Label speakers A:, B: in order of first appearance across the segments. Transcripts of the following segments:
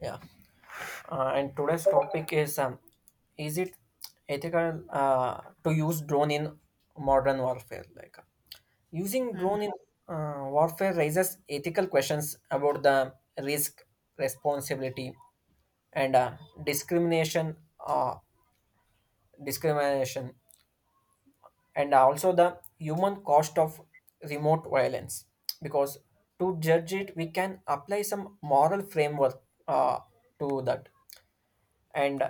A: Yeah, and today's topic is it ethical to use drone in modern warfare? Like using
B: Mhm,
A: drone in warfare raises ethical questions about the risk, responsibility, and discrimination, uh, discrimination, and also the human cost of remote violence. Because to judge it, we can apply some moral framework uh, to that, and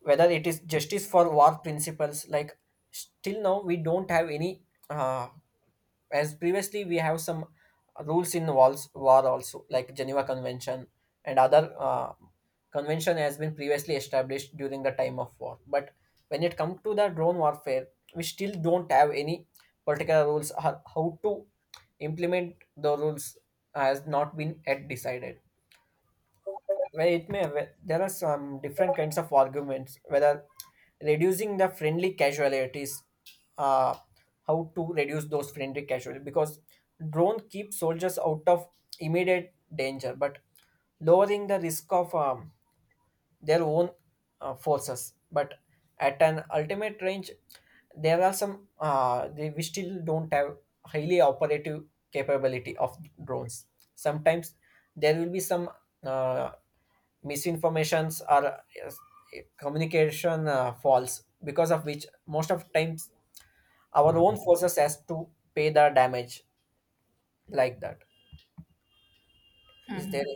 A: whether it is justice for war principles. Like still now we don't have any, uh, as previously we have some rules in wars war also, like Geneva Convention and other convention has been previously established during the time of war. But when it comes to the drone warfare, we still don't have any particular rules. How to implement the rules has not been yet decided. Well, there are some different kinds of arguments whether reducing the friendly casualties, uh, how to reduce those friendly casualties, because drone keep soldiers out of immediate danger, but lowering the risk of their own forces. But at an ultimate range, there are some we still don't have highly operative capability of drones. Sometimes there will be some uh, misinformations or, yes, communication false, because of which most of times our own forces has to pay the damage, like that. Is there?
B: mhm.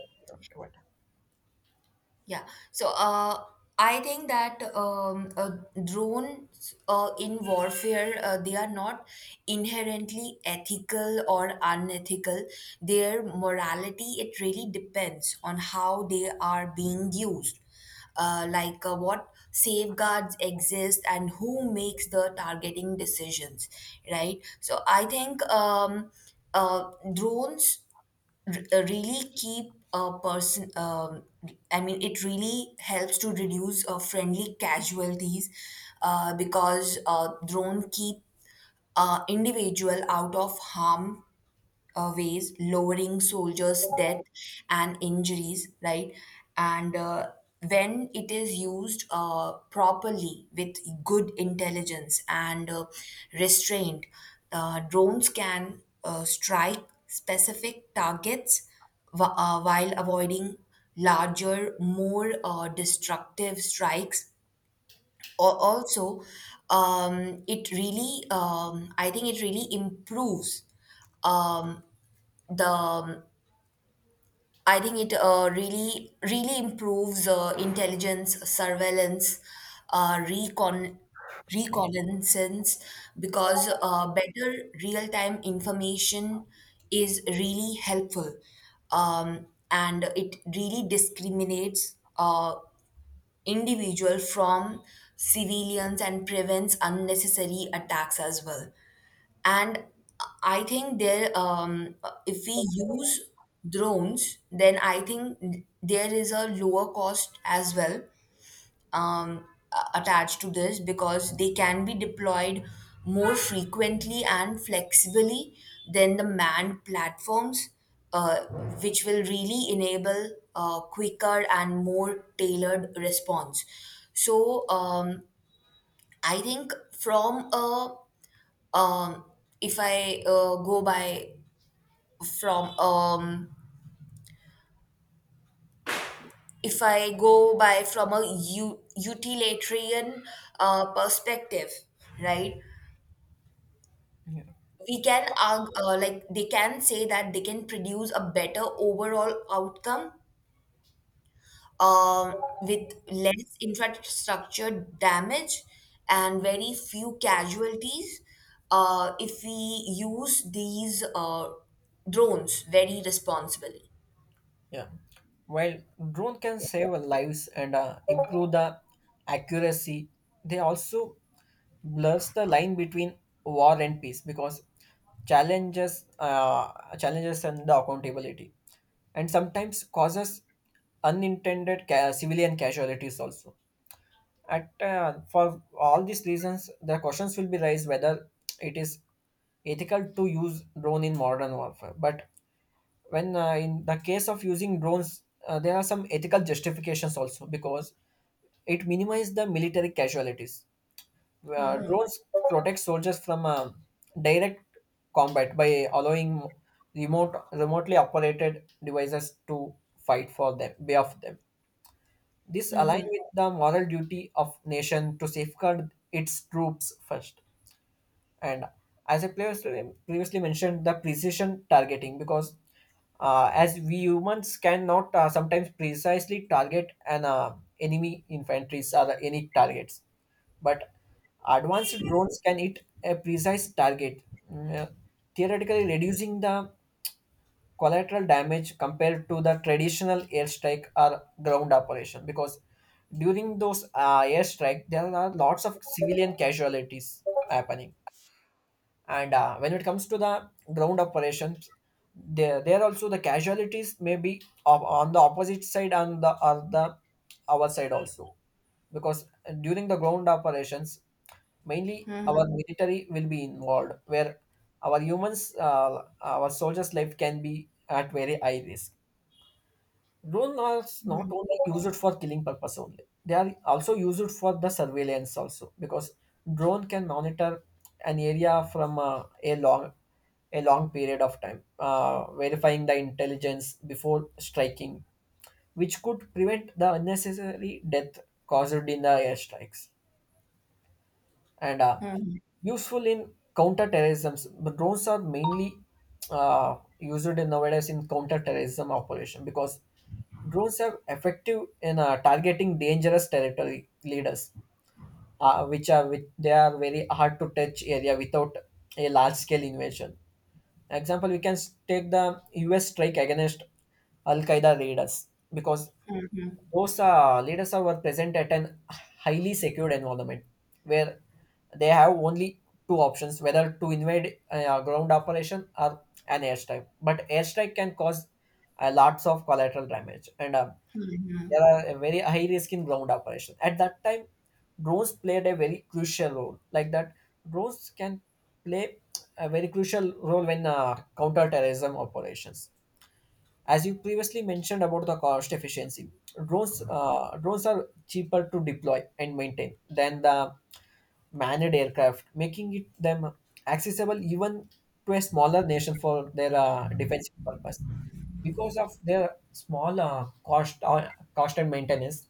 B: Yeah. So, I think that drones in warfare they are not inherently ethical or unethical. Their morality it really depends on how they are being used. What safeguards exist and who makes the targeting decisions, right? So I think drones really keep a person I mean it really helps to reduce friendly casualties because drone keep individual out of harm ways, lowering soldiers' death and injuries, right? And when it is used properly with good intelligence and restraint, drones can strike specific targets while avoiding larger, more destructive strikes. Also, it really, I think it really improves um, the I think it really really improves intelligence, surveillance, uh, recon reconnaissance because better real time information is really helpful, and it really discriminates individual from civilians and prevents unnecessary attacks as well. And I think if we use drones, then I think there is a lower cost as well, um, attached to this because they can be deployed more frequently and flexibly than the manned platforms, uh, which will really enable a quicker and more tailored response. So I think from a um if I go by from if I go by from a utilitarian perspective, right?
A: Yeah.
B: We can argue, like they can say that they can produce a better overall outcome, um, with less infrastructure damage and very few casualties if we use these drones very responsibly.
A: Yeah. While drone can save lives and improve the accuracy, they also blurs the line between war and peace. Because challenges, challenges and the accountability, and sometimes causes unintended civilian casualties also. At for all these reasons, the questions will be raised whether it is ethical to use drone in modern warfare. But when in the case of using drones, there are some ethical justifications also, because it minimizes the military casualties. Drones protect soldiers from direct combat by allowing remotely operated devices to fight for them, behalf them. This aligns with the moral duty of nation to safeguard its troops first. And as I previously mentioned, the precision targeting, because as we humans cannot sometimes precisely target an enemy infantry or any targets, but advanced drones can hit a precise target, mm, uh, theoretically reducing the collateral damage compared to the traditional airstrike or ground operation. Because during those airstrike, there are lots of civilian casualties happening. And when it comes to the ground operations, there also the casualties may be of, on the opposite side and the, or the our side also, because during the ground operations mainly our military will be involved, where our humans, our soldiers life can be at very high risk. Drones are not only used for killing purpose only. They are also used for the surveillance also, because drone can monitor an area from a long period of time, verifying the intelligence before striking, which could prevent the unnecessary death caused in the airstrikes, and useful in counterterrorism. The drones are mainly used in nowadays in counterterrorism operation, because drones are effective in targeting dangerous territory leaders, which they are very hard to touch area without a large scale invasion. Example: we can take the U.S. strike against Al Qaeda leaders, because those leaders are were present at an highly secured environment, where they have only two options, whether to invade a ground operation or an airstrike. But airstrike can cause lots of collateral damage, and there are a very high risk in ground operation. At that time, drones played a very crucial role. Like that, drones can play a very crucial role when counter terrorism operations. As you previously mentioned about the cost efficiency, drones are cheaper to deploy and maintain than the manned aircraft, making it them accessible even to a smaller nation for their defensive purpose. Because of their small cost and maintenance,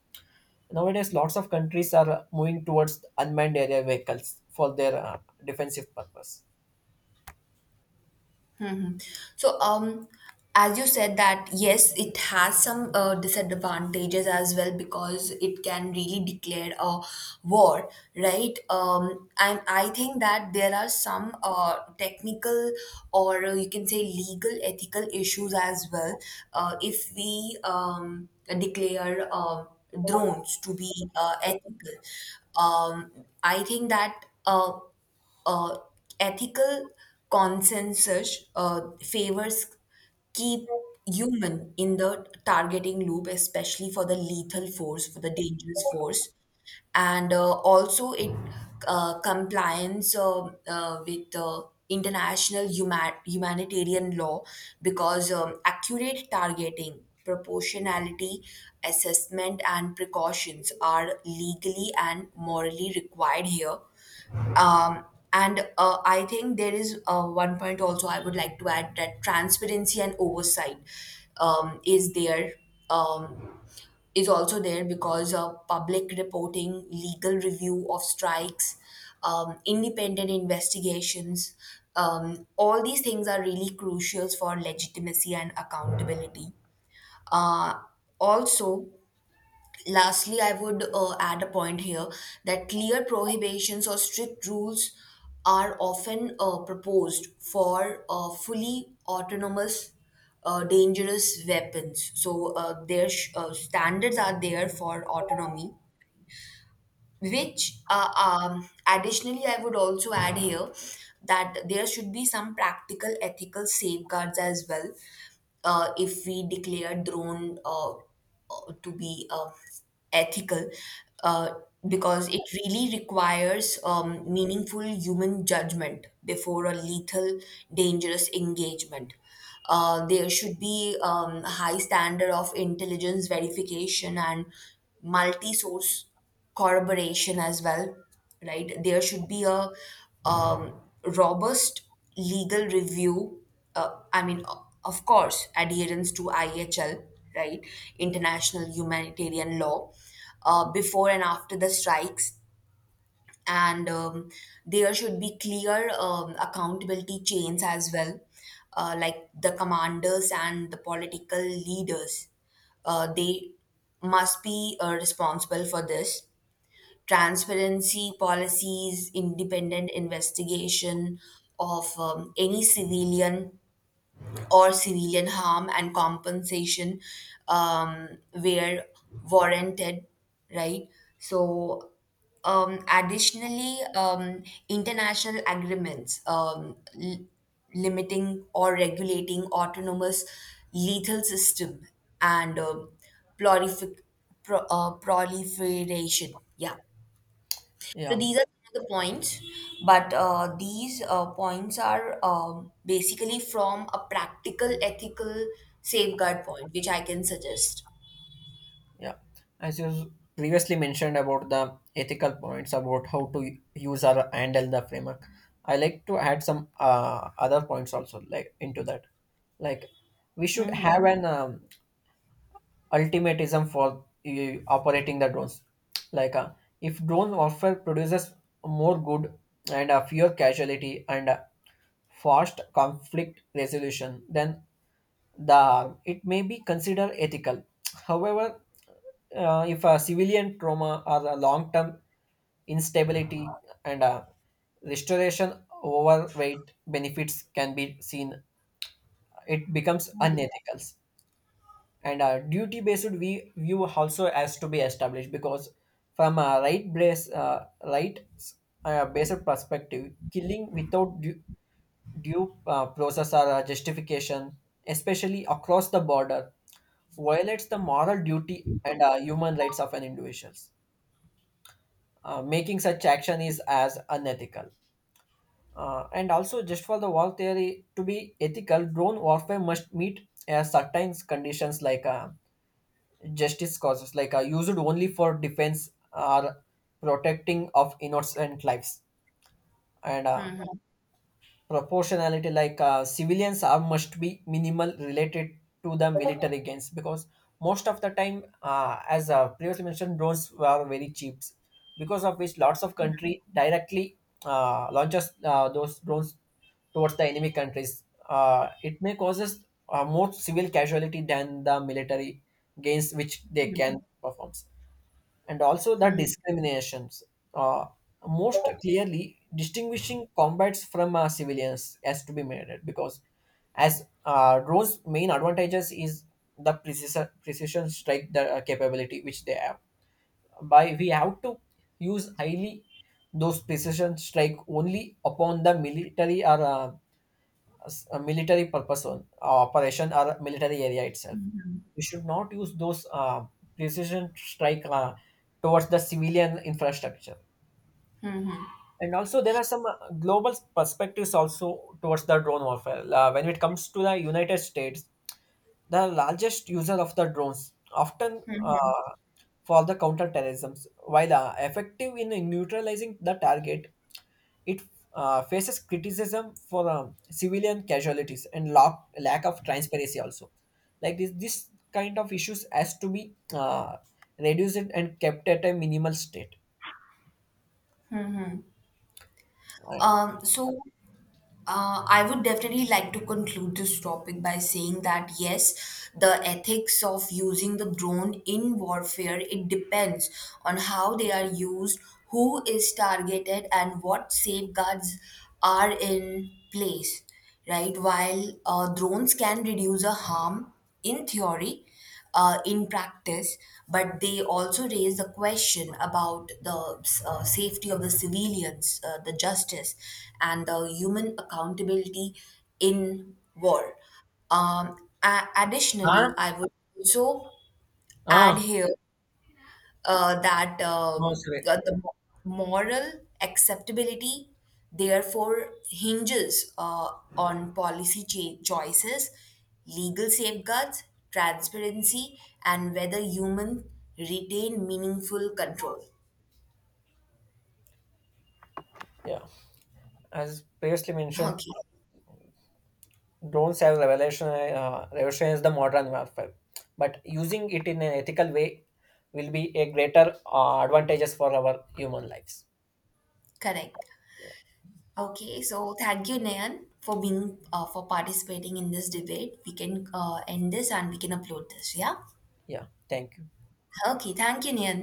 A: nowadays lots of countries are moving towards unmanned area vehicles for their defensive purpose.
B: So, as you said that yes, it has some disadvantages as well because it can really declare a war, right? And I think that there are some technical or you can say legal ethical issues as well if we declare drones to be ethical. Um, I think that. Uh, Ethical consensus favors keep human in the targeting loop, especially for the lethal force, for the dangerous force, and also it compliance with international humanitarian law because accurate targeting. Proportionality assessment and precautions are legally and morally required here. Um, and I think there is one point also I would like to add, that transparency and oversight um, is there um, is also there because public reporting, legal review of strikes, independent investigations, all these things are really crucial for legitimacy and accountability. Uh, also, Lastly, I would add a point here that clear prohibitions or strict rules are often proposed for fully autonomous dangerous weapons. So, their standards are there for autonomy, which additionally I would also add here that there should be some practical ethical safeguards as well if we declare drone to be ethical, uh, because it really requires meaningful human judgment before a lethal dangerous engagement. There should be a high standard of intelligence verification and multi-source corroboration as well, right? There should be a robust legal review. I mean, of course, adherence to IHL, right? International humanitarian law, before and after the strikes. And there should be clear accountability chains as well, like the commanders and the political leaders. They must be responsible for this, transparency policies, independent investigation of any civilian or civilian harm and compensation, where warranted, right? So, additionally, international agreements limiting or regulating autonomous lethal system and prolific, proliferation. Yeah. So
A: Yeah.
B: these are some of the points, but these points are basically from a practical ethical safeguard point, which I can suggest.
A: Yeah, as you previously mentioned about the ethical points about how to use or handle the framework, I like to add some other points also like into that. Like we should
B: Mm-hmm.
A: have an ultimatism for operating the drones. Like if drone warfare produces more good and fewer casualty and fast conflict resolution, then the it may be considered ethical. However, if a civilian trauma or a long-term instability and a restoration overweight benefits can be seen, it becomes unethical. And a duty-based we view also has to be established, because from a right place, right based perspective, killing without due process or justification, especially across the border, violates the moral duty and human rights of an individuals. Making such action is as unethical. And also, just for the war theory to be ethical, drone warfare must meet certain conditions, like justice causes, like used only for defense or protecting of innocent lives. And proportionality, like civilians are must be minimal related to the military gains, because most of the time as previously mentioned drones were very cheap, because of which lots of country directly launches those drones towards the enemy countries. It may causes more civil casualty than the military gains which they can perform. And also the discriminations. Uh, Most clearly, distinguishing combats from civilians has to be made it, because as Rose's main advantages is the precision strike the capability which they have. By we have to use highly those precision strike only upon the military or as a military purpose on operation or military area itself. We should not use those precision strike towards the civilian infrastructure. And also, there are some global perspectives also towards the drone warfare. When it comes to the United States, the largest user of the drones, often for the counterterrorism, while effective in neutralizing the target, it faces criticism for civilian casualties and lack of transparency also. Like this kind of issues has to be reduced and kept at a minimal state. Right.
B: Um, so I would definitely like to conclude this topic by saying that yes, the ethics of using the drone in warfare it depends on how they are used, who is targeted, and what safeguards are in place. Right? While drones can reduce a harm in theory, in practice, but they also raise the question about the safety of the civilians, the justice, and the human accountability in war. Additionally,
A: Huh?
B: I would also add
A: Ah,
B: here that
A: no, sorry.
B: moral acceptability therefore hinges on policy choices, legal safeguards, transparency, and whether humans retain meaningful control.
A: Yeah, as previously mentioned,
B: Okay,
A: drones have revolutionized the modern warfare, but using it in an ethical way will be a greater advantages for our human lives.
B: correct. Okay, so thank you, Nayan, for being for participating in this debate. We can end this and we can upload this. Yeah.
A: Yeah, thank you.
B: Okay, thank you, Nayan.